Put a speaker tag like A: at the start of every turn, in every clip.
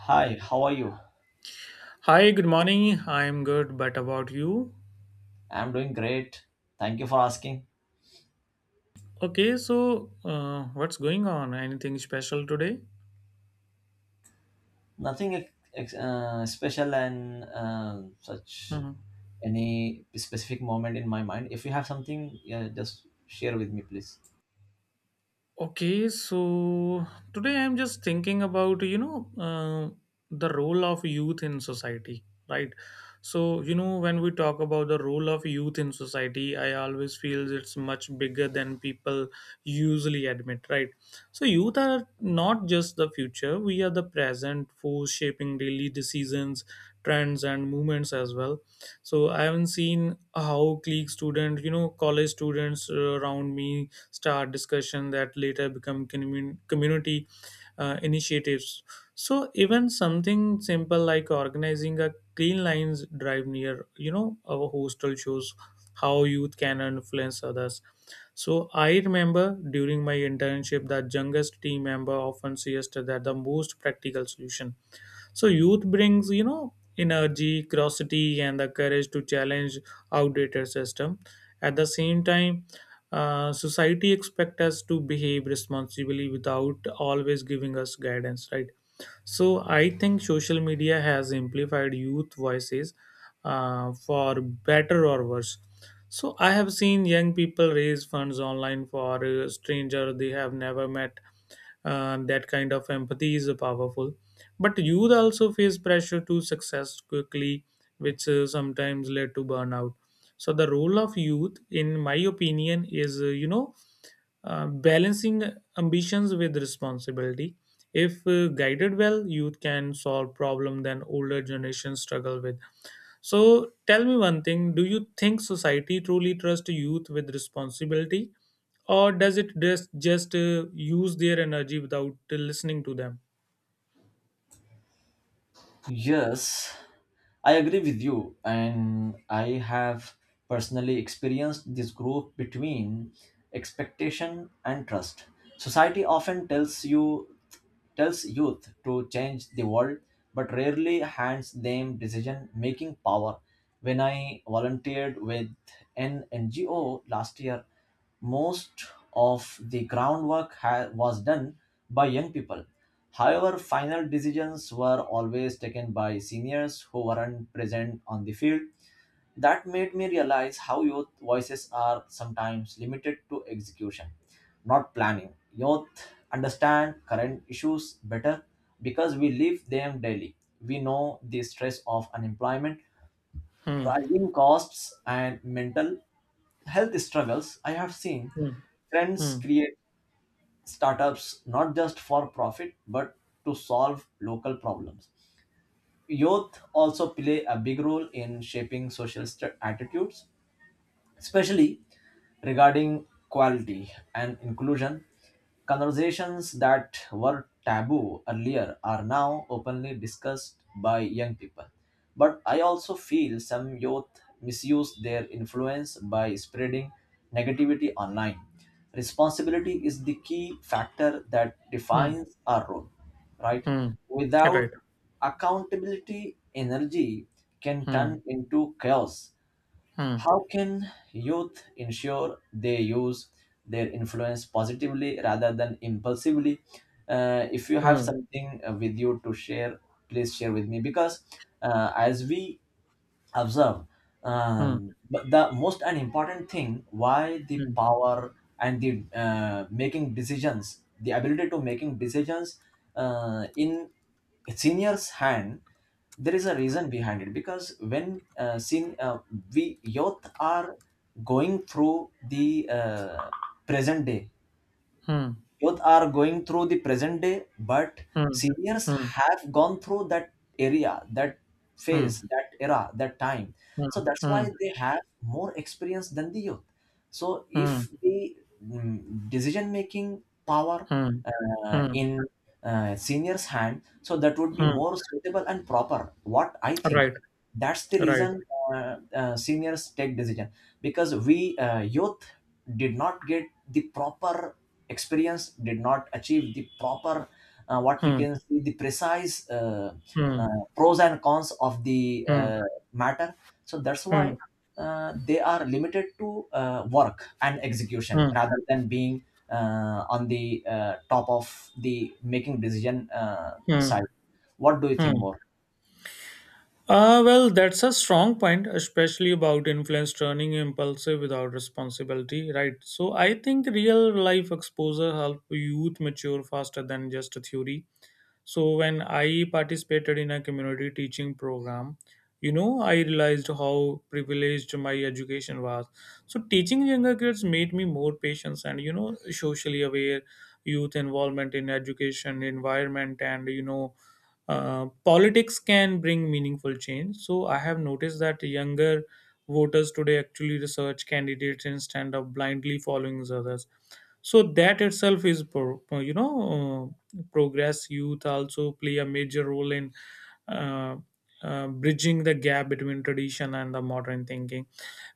A: Hi, how are you?
B: Hi, good morning. I'm good, but about you?
A: I'm doing great. Thank you for asking.
B: Okay, so what's going on? Anything special today?
A: Nothing special and such
B: Mhm.
A: any specific moment in my mind. If you have something, yeah, just share with me, please.
B: Okay, so today I'm just thinking about, you know, the role of youth in society, right? So, you know, when we talk about the role of youth in society, I always feel it's much bigger than people usually admit, right? So, youth are not just the future, we are the present, force shaping daily decisions, trends, and movements as well. So, I haven't seen how clique students, you know, college students around me start discussion that later become community initiatives. So even something simple like organizing a clean lines drive near, you know, our hostel shows how youth can influence others. So I remember during my internship that youngest team member often suggested that the most practical solution. So youth brings, you know, energy, curiosity, and the courage to challenge outdated system. At the same time, society expect us to behave responsibly without always giving us guidance, right? So I think social media has amplified youth voices, for better or worse. So I have seen young people raise funds online for a stranger they have never met. That kind of empathy is powerful, but youth also face pressure to success quickly, which sometimes led to burnout. So the role of youth, in my opinion, is you know, balancing ambitions with responsibility. If guided well, youth can solve problem than older generations struggle with. So tell me one thing, do you think society truly trusts youth with responsibility, or does it just use their energy without listening to them?
A: Yes, I agree with you, and I have personally experienced this group between expectation and trust. Society often tells you tells youth to change the world, but rarely hands them decision making power. When I volunteered with an NGO last year, most of the groundwork was done by young people. However, final decisions were always taken by seniors who weren't present on the field. That made me realize how youth voices are sometimes limited to execution, not planning. Youth understand current issues better because we live them daily. We know the stress of unemployment,
B: Hmm.
A: rising costs, and mental health struggles. I have seen
B: Hmm.
A: friends
B: Hmm.
A: create startups not just for profit but to solve local problems. Youth also play a big role in shaping social attitudes, especially regarding quality and inclusion. Conversations that were taboo earlier are now openly discussed by young people. But I also feel some youth misuse their influence by spreading negativity online. Responsibility is the key factor that
B: Hmm.
A: defines our role, right?
B: Hmm. Right.
A: Without
B: Right.
A: accountability, energy can
B: Hmm.
A: turn into chaos.
B: Hmm.
A: How can youth ensure they use their influence positively rather than impulsively? If you have
B: Hmm.
A: something with you to share, please share with me because as we observe,
B: Hmm.
A: but the most and important thing why the power and the making decisions, the ability to making decisions in seniors hand, there is a reason behind it because when seen we youth are going through the present day,
B: Hmm.
A: youth are going through the present day, but
B: Hmm.
A: seniors
B: Hmm. Hmm.
A: have gone through that area, that
B: Hmm.
A: phase, that era, that time.
B: Hmm.
A: So that's why
B: Hmm.
A: they have more experience than the youth. So
B: Hmm.
A: if the decision making power
B: Hmm. Hmm.
A: in seniors' hand, so that would be
B: Hmm.
A: more suitable and proper. What I think.
B: Right.
A: That's the
B: Right.
A: reason seniors take decision because we youth did not get the proper experience, did not achieve the proper what we
B: Hmm.
A: can see the precise
B: Hmm.
A: uh, pros and cons of the
B: Hmm.
A: matter, so that's
B: Hmm.
A: why they are limited to work and execution
B: Hmm.
A: rather than being on the top of the making decision
B: Hmm.
A: side. What do you think
B: Hmm.
A: more?
B: Well, that's a strong point, especially about influence turning impulsive without responsibility, right? So I think real life exposure help youth mature faster than just a theory. So when I participated in a community teaching program, you know, I realized how privileged my education was. So teaching younger kids made me more patient and, you know, socially aware. Youth involvement in education environment and, you know, politics can bring meaningful change. So I have noticed that younger voters today actually research candidates instead of blindly following others. So that itself is, you know, progress. Youth also play a major role in uh, bridging the gap between tradition and the modern thinking,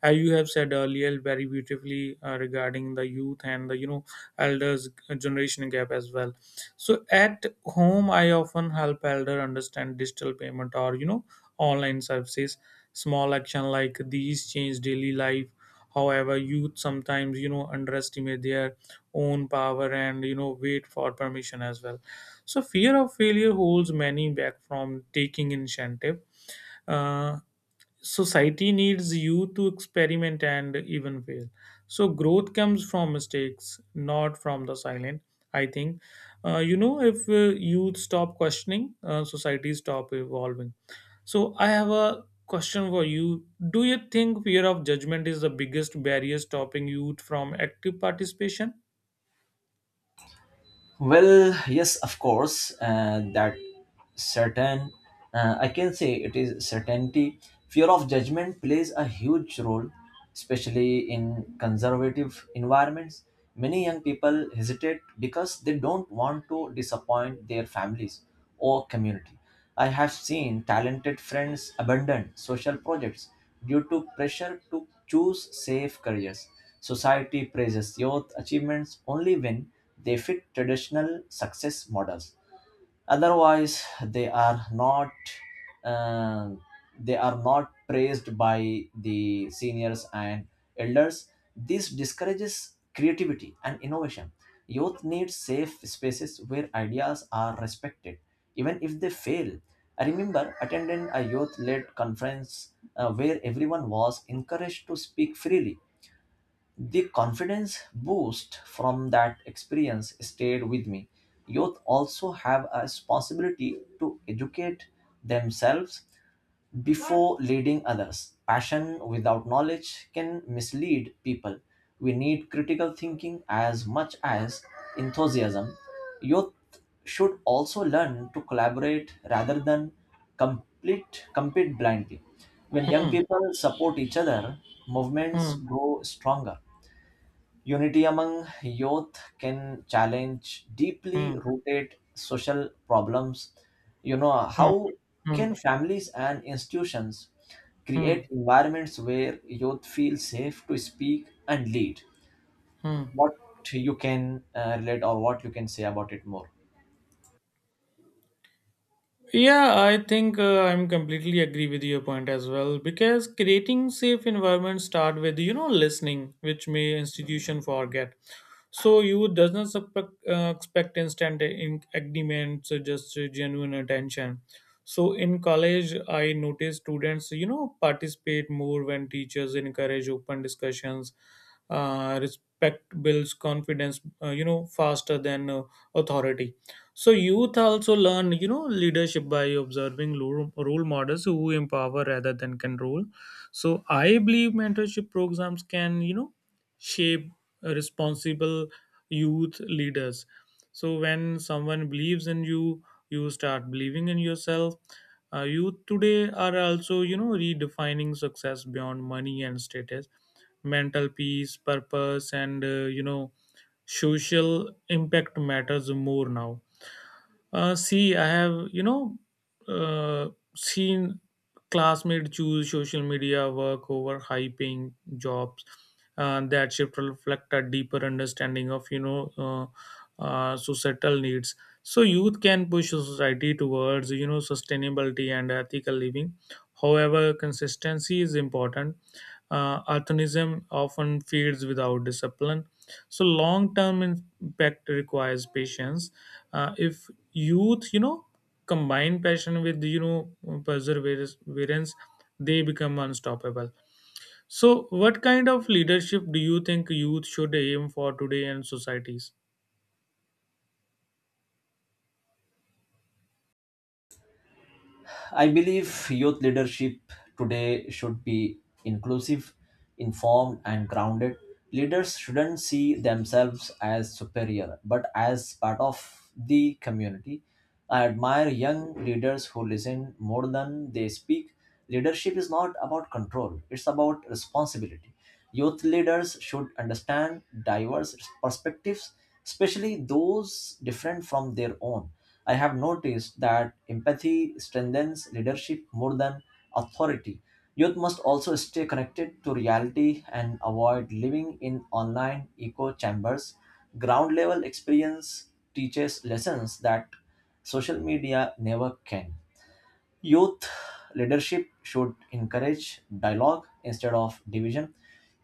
B: as you have said earlier very beautifully, regarding the youth and the, you know, elders generation gap as well. So at home, I often help elder understand digital payment or, you know, online services. Small action like these change daily life. However, youth sometimes, you know, underestimate their own power and, you know, wait for permission as well. So fear of failure holds many back from taking initiative. Uh, Society needs you to experiment and even fail. So growth comes from mistakes, not from the silent, I think. You know, if youth stop questioning, society stop evolving. So I have a question for you. Do you think fear of judgment is the biggest barrier stopping youth from active participation?
A: Well, yes, of course, certain, I can say it is certainty. Fear of judgment plays a huge role, especially in conservative environments. Many young people hesitate because they don't want to disappoint their families or community. I have seen talented friends abandon social projects due to pressure to choose safe careers. Society praises youth achievements only when they fit traditional success models, otherwise uh, they are not praised by the seniors and elders. This discourages creativity and innovation. Youth needs safe spaces where ideas are respected even if they fail. I remember attending a youth led conference where everyone was encouraged to speak freely. The confidence boost from that experience stayed with me. Youth also have a responsibility to educate themselves before leading others. Passion without knowledge can mislead people. We need critical thinking as much as enthusiasm. Youth should also learn to collaborate rather than compete blindly. When young
B: hmm,
A: people support each other, movements
B: hmm,
A: grow stronger. Unity among youth can challenge deeply
B: hmm,
A: rooted social problems. You know,
B: hmm,
A: how
B: hmm,
A: can families and institutions
B: hmm,
A: create environments where youth feel safe to speak and lead?
B: hmm.
A: What you can relate, or what you can say about it more?
B: Yeah, I think I'm completely agree with your point as well, because creating safe environment start with, you know, listening, which may institution forget. So you does not suspect, expect instant agreements, just genuine attention. So in college, I noticed students, you know, participate more when teachers encourage open discussions. Respect builds confidence, you know, faster than authority. So youth also learn, you know, leadership by observing role models who empower rather than control. So I believe mentorship programs can, you know, shape responsible youth leaders. So when someone believes in you, you start believing in yourself. Youth today are also, you know, redefining success beyond money and status. Mental peace, purpose, and, you know, social impact matters more now. See, I have, you know, uh, seen classmates choose social media work over high paying jobs. That shift reflect a deeper understanding of, you know, societal needs. So youth can push society towards, you know, sustainability and ethical living. However, consistency is important. Altruism often feeds without discipline. So long-term impact requires patience. If youth, you know, combine passion with, you know, perseverance, they become unstoppable. So what kind of leadership do you think youth should aim for today in societies?
A: I believe youth leadership today should be inclusive, informed, and grounded. Leaders shouldn't see themselves as superior, but as part of the community. I admire young leaders who listen more than they speak. Leadership is not about control, it's about responsibility. Youth leaders should understand diverse perspectives, especially those different from their own. I have noticed that empathy strengthens leadership more than authority. Youth must also stay connected to reality and avoid living in online echo chambers. Ground level experience teaches lessons that social media never can. Youth leadership should encourage dialogue instead of division.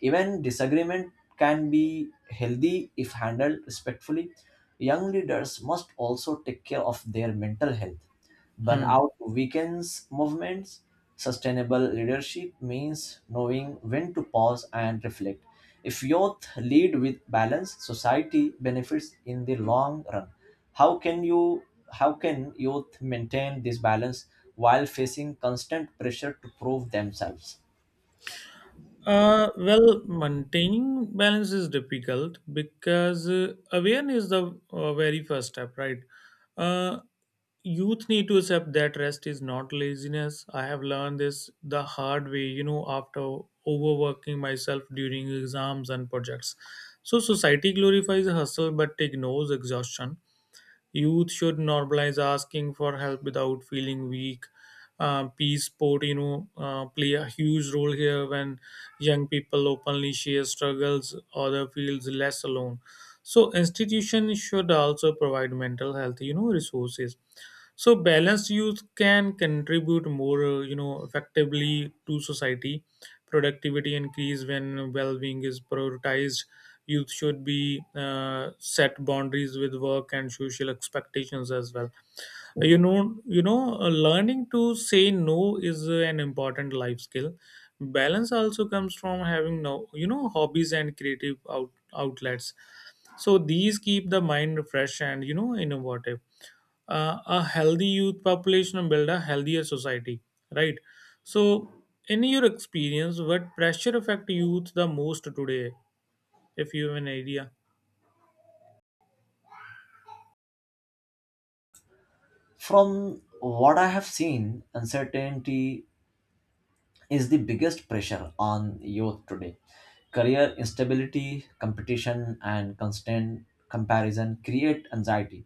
A: Even disagreement can be healthy if handled respectfully. Young leaders must also take care of their mental health.
B: hmm
A: Burnout weakens movements. Sustainable leadership means knowing when to pause and reflect. If youth lead with balance, society benefits in the long run. How can you how can youth maintain this balance while facing constant pressure to prove themselves?
B: Well, maintaining balance is difficult because awareness is the very first step, right? Uh, Youth need to accept that rest is not laziness. I have learned this the hard way, you know, after overworking myself during exams and projects. So society glorifies hustle but ignores exhaustion. Youth should normalize asking for help without feeling weak. Peace sport, you know, play a huge role here. When young people openly share struggles, other feels less alone. So institutions should also provide mental health, you know, resources, so balanced youth can contribute more, you know, effectively to society. Productivity increase when well-being is prioritized. Youth should be, set boundaries with work and social expectations as well. You know, you know learning to say no is an important life skill. Balance also comes from having no, you know, hobbies and creative outlets. So these keep the mind fresh and, you know, innovative. A healthy youth population and build a healthier society, right? So in your experience, what pressure affect youth the most today, if you have an idea?
A: From what I have seen, uncertainty is the biggest pressure on youth today. Career instability, competition, and constant comparison create anxiety.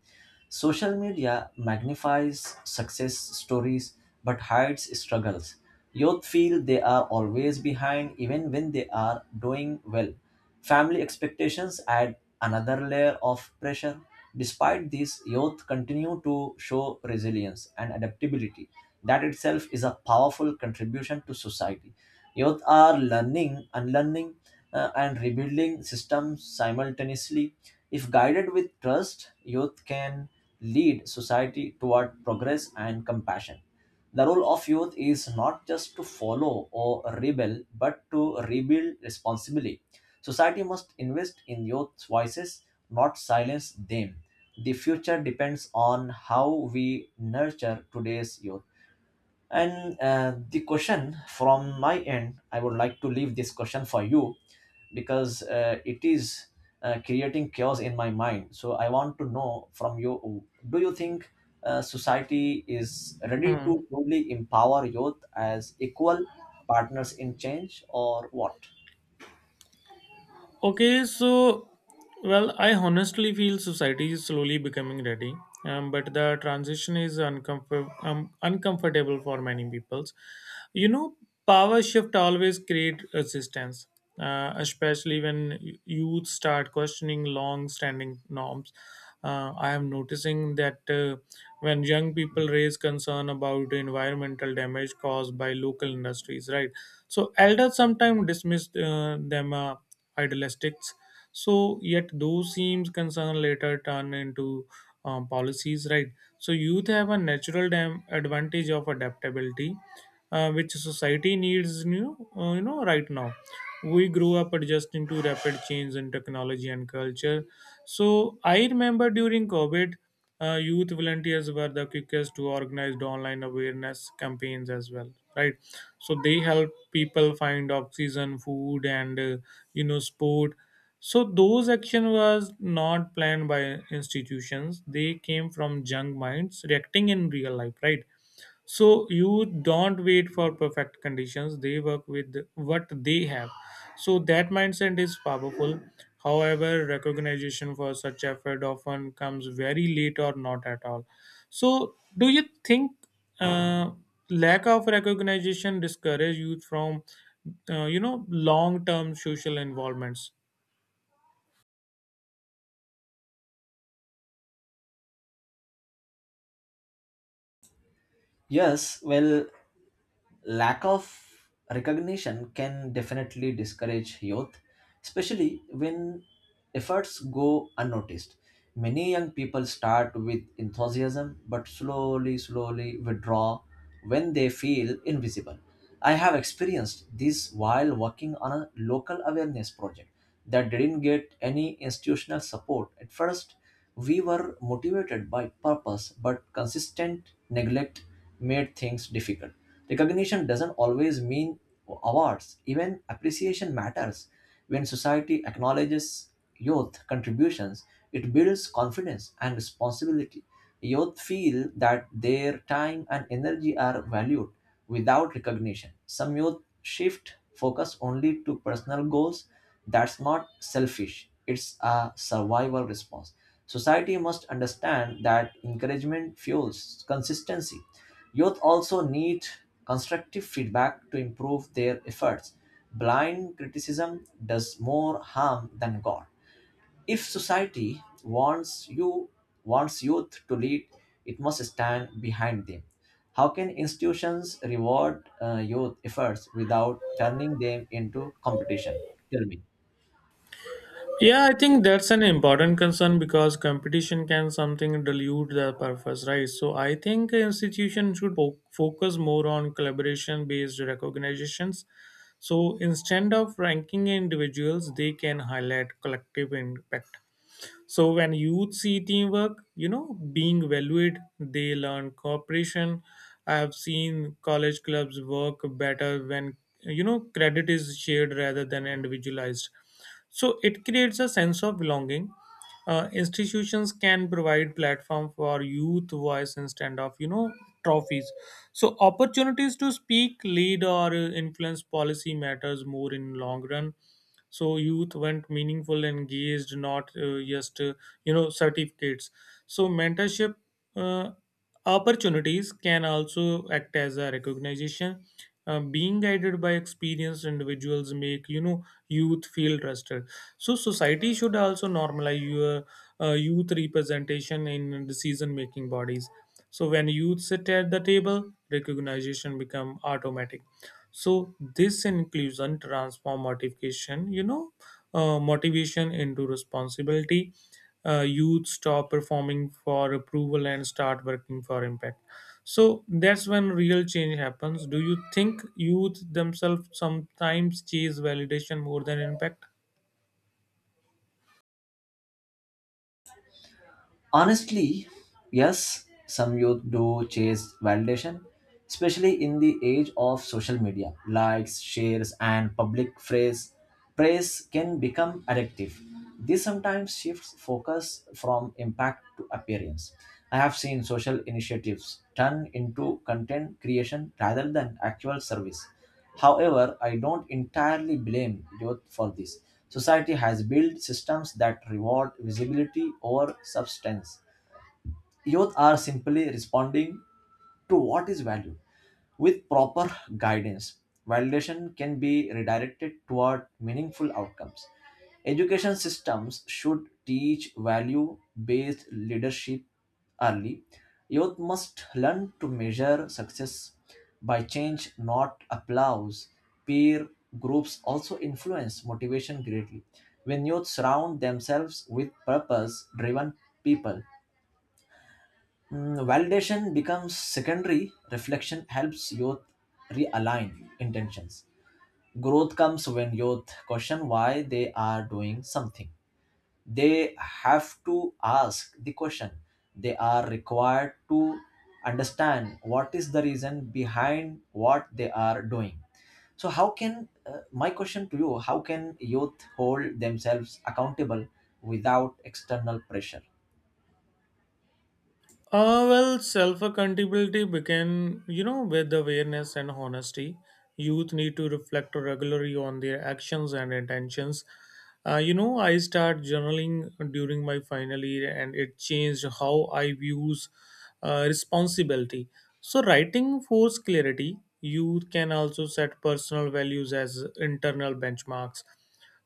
A: Social media magnifies success stories but hides struggles. Youth feel they are always behind even when they are doing well. Family expectations add another layer of pressure. Despite this, youth continue to show resilience and adaptability. That itself is a powerful contribution to society. Youth are learning, unlearning, and rebuilding systems simultaneously. If guided with trust, youth can lead society toward progress and compassion. The role of youth is not just to follow or rebel, but to rebuild responsibly. Society must invest in youth's voices, not silence them. The future depends on how we nurture today's youth. And the question from my end, I would like to leave this question for you because it is creating chaos in my mind. So I want to know from you, do you think society is ready
B: Hmm.
A: to truly empower youth as equal partners in change or what?
B: Okay, so well, I honestly feel society is slowly becoming ready, but the transition is uncomfortable for many peoples. You know, power shift always create resistance, especially when youth start questioning long-standing norms. I am noticing that when young people raise concern about environmental damage caused by local industries, right? So elders sometimes dismiss them. Idealistics. So yet those seems concern later turn into, policies, right? So youth have a natural advantage of adaptability, which society needs new, you know, right now. We grew up adjusting to rapid change in technology and culture. So I remember during COVID, youth volunteers were the quickest to organize online awareness campaigns as well, right? So they help people find oxygen, food, and, you know, sport. So those action was not planned by institutions. They came from young minds reacting in real life, right? So you don't wait for perfect conditions, they work with what they have. So that mindset is powerful. However, recognition for such effort often comes very late or not at all. So do you think uh, lack of recognition discourage youth from, you know, long term social involvements?
A: Yes, well, lack of recognition can definitely discourage youth, especially when efforts go unnoticed. Many young people start with enthusiasm but slowly, slowly withdraw when they feel invisible. I have experienced this while working on a local awareness project that didn't get any institutional support. At first, we were motivated by purpose, but consistent neglect made things difficult. Recognition doesn't always mean awards, even appreciation matters. When society acknowledges youth contributions, it builds confidence and responsibility. Youth feel that their time and energy are valued. Without recognition, some youth shift focus only to personal goals. That's not selfish, it's a survival response. Society must understand that encouragement fuels consistency. Youth also need constructive feedback to improve their efforts. Blind criticism does more harm than good. If society wants youth to lead, it must stand behind them. How can institutions reward youth efforts without turning them into competition? Tell me.
B: Yeah, I think that's an important concern because competition can something dilute the purpose, right? So I think institutions should focus more on collaboration-based recognitions. So instead of ranking individuals, they can highlight collective impact. So when youth see teamwork, you know, being valued, they learn cooperation. I have seen college clubs work better when, you know, credit is shared rather than individualized. So it creates a sense of belonging. Institutions can provide platform for youth voice instead of, you know, trophies. So opportunities to speak, lead, or influence policy matters more in long run. So youth went meaningful engaged, not just you know, certificates. So mentorship uh, opportunities can also act as a recognition. Being guided by experienced individuals make, you know, youth feel trusted. So society should also normalize your youth representation in decision making bodies. So when youth sit at the table, recognition become automatic. So this inclusion transform motivation, you know, motivation into responsibility. Youth stop performing for approval and start working for impact. So that's when real change happens. Do you think youth themselves sometimes chase validation more than impact?
A: Honestly, yes, some youth do chase validation, especially in the age of social media. Likes, shares, and public phrase praise can become addictive. This sometimes shifts focus from impact to appearance. I have seen social initiatives turn into content creation rather than actual service. However, I don't entirely blame youth for this. Society has built systems that reward visibility over substance. Youth are simply responding to what is valued. With proper guidance, validation can be redirected toward meaningful outcomes. Education systems should teach value based leadership early. Youth must learn to measure success by change, not applause. Peer groups also influence motivation greatly. When youth surround themselves with purpose driven people, validation becomes secondary. Reflection helps youth realign intentions. Growth comes when youth question why they are doing something. They have to ask the question. They are required to understand what is the reason behind what they are doing. So, how can my question to you? How can youth hold themselves accountable without external pressure?
B: Well, self accountability begin, you know, with awareness and honesty. Youth need to reflect regularly on their actions and intentions. You know, I start journaling during my final year, and it changed how I views responsibility. So, writing force clarity. Youth can also set personal values as internal benchmarks.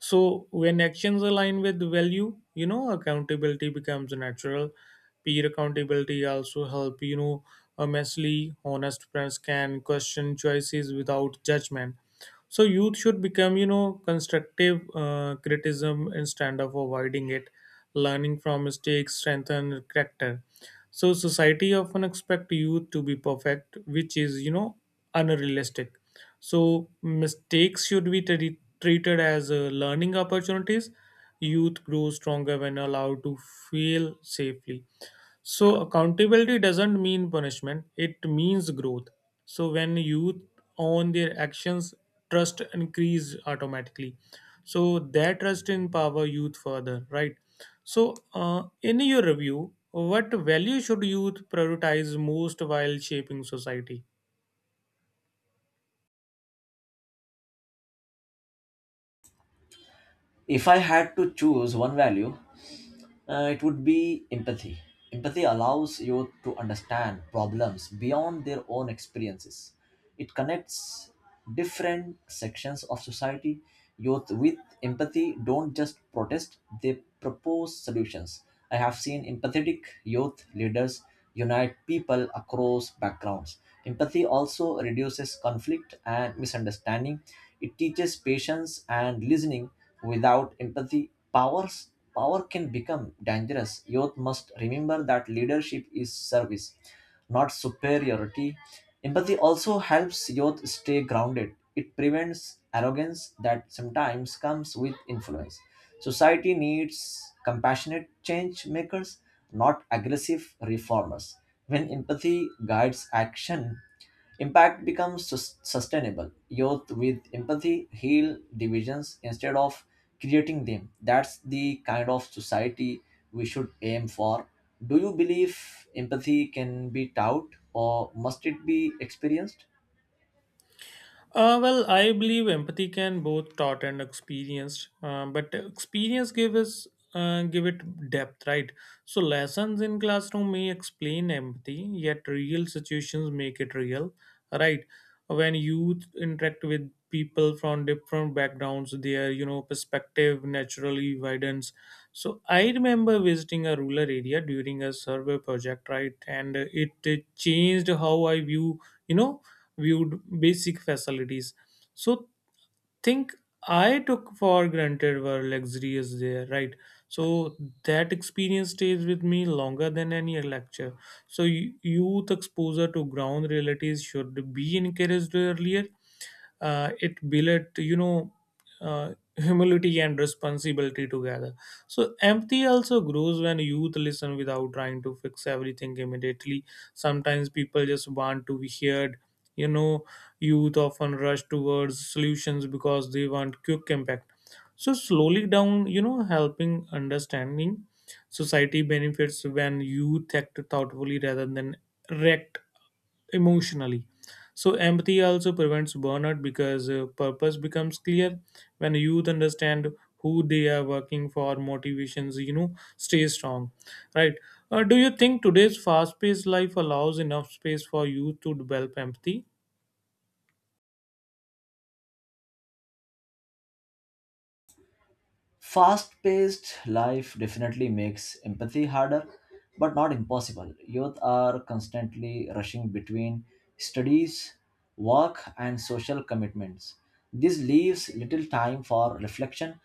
B: So when actions align with value, you know, accountability becomes natural. Peer accountability also help, you know, immensely. Honest friends can question choices without judgment. So youth should become, you know, constructive criticism instead of avoiding it. Learning from mistakes strengthen character. So society often expect youth to be perfect, which is, you know, unrealistic. So mistakes should be treated as learning opportunities. Youth grows stronger when allowed to fail safely. So accountability doesn't mean punishment, it means growth. So when youth own their actions, trust increase automatically. So that trust empower youth further, right? So in your review, what value should youth prioritize most while shaping society?
A: If I had to choose one value, it would be empathy. Empathy allows youth to understand problems beyond their own experiences. It connects different sections of society. Youth with empathy don't just protest, they propose solutions. I have seen empathetic youth leaders unite people across backgrounds. Empathy also reduces conflict and misunderstanding. It teaches patience and listening. Without empathy, powers power can become dangerous. Youth must remember that leadership is service, not superiority. Empathy also helps youth stay grounded. It prevents arrogance that sometimes comes with influence. Society needs compassionate change makers, not aggressive reformers. When empathy guides action, impact becomes sustainable. Youth with empathy heal divisions instead of creating them. That's the kind of society we should aim for. Do you believe empathy can be taught or must it be experienced?
B: I believe empathy can both taught and experienced, but experience give us give it depth, right? So lessons in classroom may explain empathy, yet real situations make it real, right? When youth interact with people from different backgrounds, their perspective naturally widens. So I remember visiting a rural area during a survey project, right, and it changed how I view you know viewed basic facilities, so think I took for granted were luxurious there, right? So that experience stays with me longer than any lecture. So youth exposure to ground realities should be encouraged earlier. It built, humility and responsibility together. So empathy also grows when youth listen without trying to fix everything immediately. Sometimes people just want to be heard, you know Youth often rush towards solutions because they want quick impact. So slowly down, helping understanding society benefits when youth act thoughtfully rather than react emotionally. So empathy also prevents burnout because purpose becomes clear when youth understand who they are working for. Motivations, stay strong, right? Do you think today's fast-paced life allows enough space for youth to develop empathy?
A: Fast paced life definitely makes empathy harder, but not impossible. Youth are constantly rushing between studies, work, and social commitments. This leaves little time for reflection.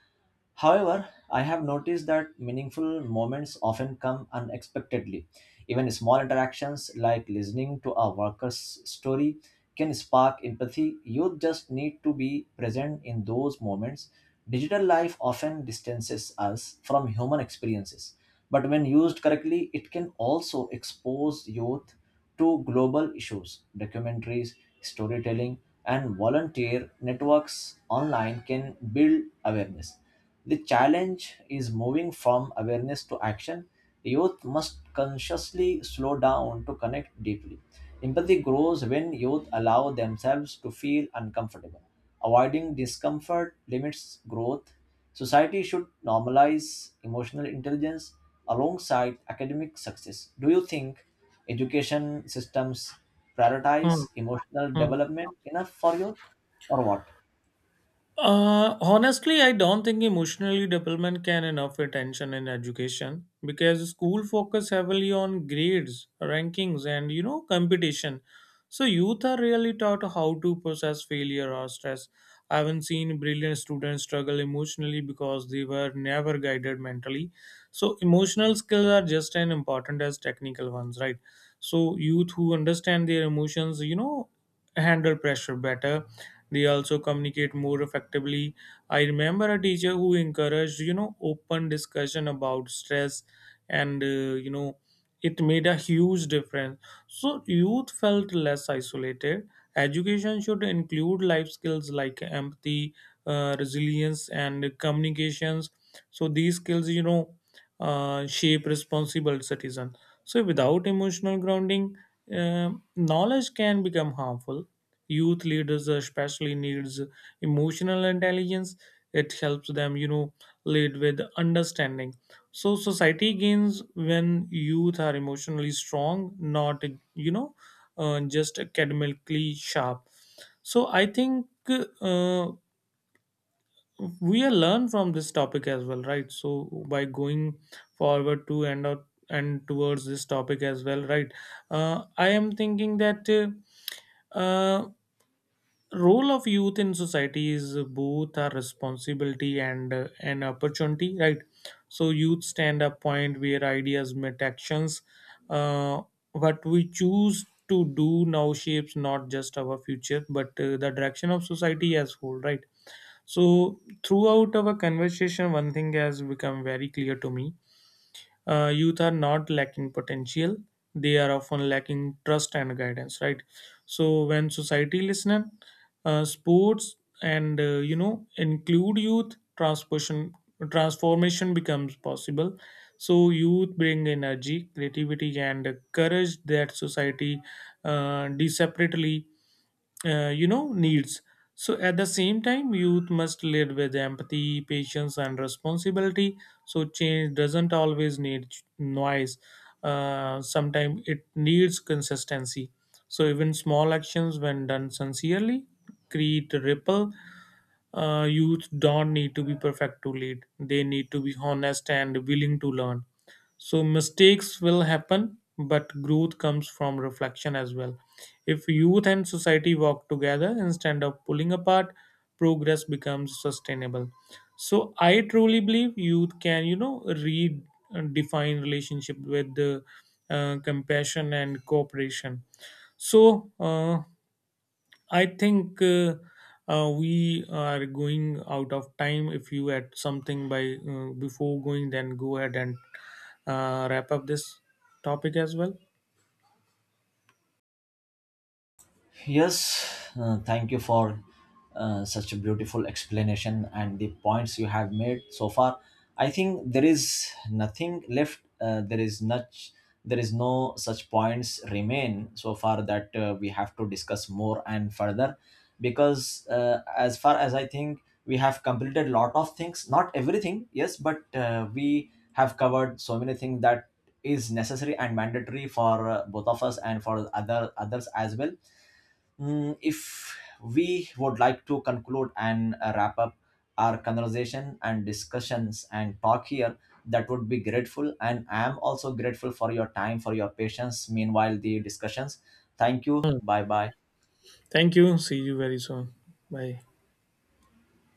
A: However, I have noticed that meaningful moments often come unexpectedly. Even small interactions like listening to a worker's story can spark empathy. You just need to be present in those moments. Digital life often distances us from human experiences, but when used correctly, it can also expose youth to global issues. Documentaries, storytelling, and volunteer networks online can build awareness. The challenge is moving from awareness to action. Youth must consciously slow down to connect deeply. Empathy grows when youth allow themselves to feel uncomfortable. Avoiding discomfort limits growth. Society should normalize emotional intelligence alongside academic success. Do you think education systems
B: Hmm.
A: prioritize emotional
B: Hmm.
A: development enough for youth or what?
B: Honestly, I don't think emotionally development can enough attention in education because school focus heavily on grades, rankings, and competition. So youth are really taught how to process failure or stress. I haven't seen brilliant students struggle emotionally because they were never guided mentally. So emotional skills are just as important as technical ones, right? So youth who understand their emotions, handle pressure better. They also communicate more effectively. I remember a teacher who encouraged open discussion about stress, and it made a huge difference. So youth felt less isolated. Education should include life skills like empathy, resilience and communications. So these skills, shape responsible citizen. So without emotional grounding, um knowledge can become harmful. Youth leaders especially needs emotional intelligence. It helps them, lead with understanding. So society gains when youth are emotionally strong, not, you know just academically sharp. So I think uh, we are learn from this topic as well, right? So by going forward to end out and towards this topic as well, right, I am thinking that uh, role of youth in society is both a responsibility and an opportunity, right? So youth stand up point where ideas meet actions. uh, what we choose to do now shapes not just our future but the direction of society as whole, right? So throughout our conversation one thing has become very clear to me. Youth are not lacking potential, they are often lacking trust and guidance, right? So when society listen, sports and include youth transformation, transformation becomes possible. So youth bring energy creativity and courage that society, separately, needs. So at the same time youth must lead with empathy patience and responsibility. So change doesn't always need noise. Sometimes it needs consistency. So even small actions when done sincerely create a ripple. Youth don't need to be perfect to lead, they need to be honest and willing to learn. So mistakes will happen, but growth comes from reflection as well. If youth and society work together instead of pulling apart, progress becomes sustainable. So I truly believe youth can, redefine relationship with compassion and cooperation. So I think we are going out of time. If you had something by before going, then go ahead and wrap up this topic as well.
A: Yes, thank you for such a beautiful explanation and the points you have made so far. I think there is nothing left. There is much. There is no such points remain so far that we have to discuss more and further, because as far as I think we have completed lot of things. Not everything, yes, but we have covered so many things that is necessary and mandatory for both of us and for other others as well. If we would like to conclude and wrap up our conversation and discussions and talk here, that would be grateful, and I am also grateful for your time, for your patience meanwhile the discussions. Thank you, bye bye.
B: Thank you. See you very soon. Bye.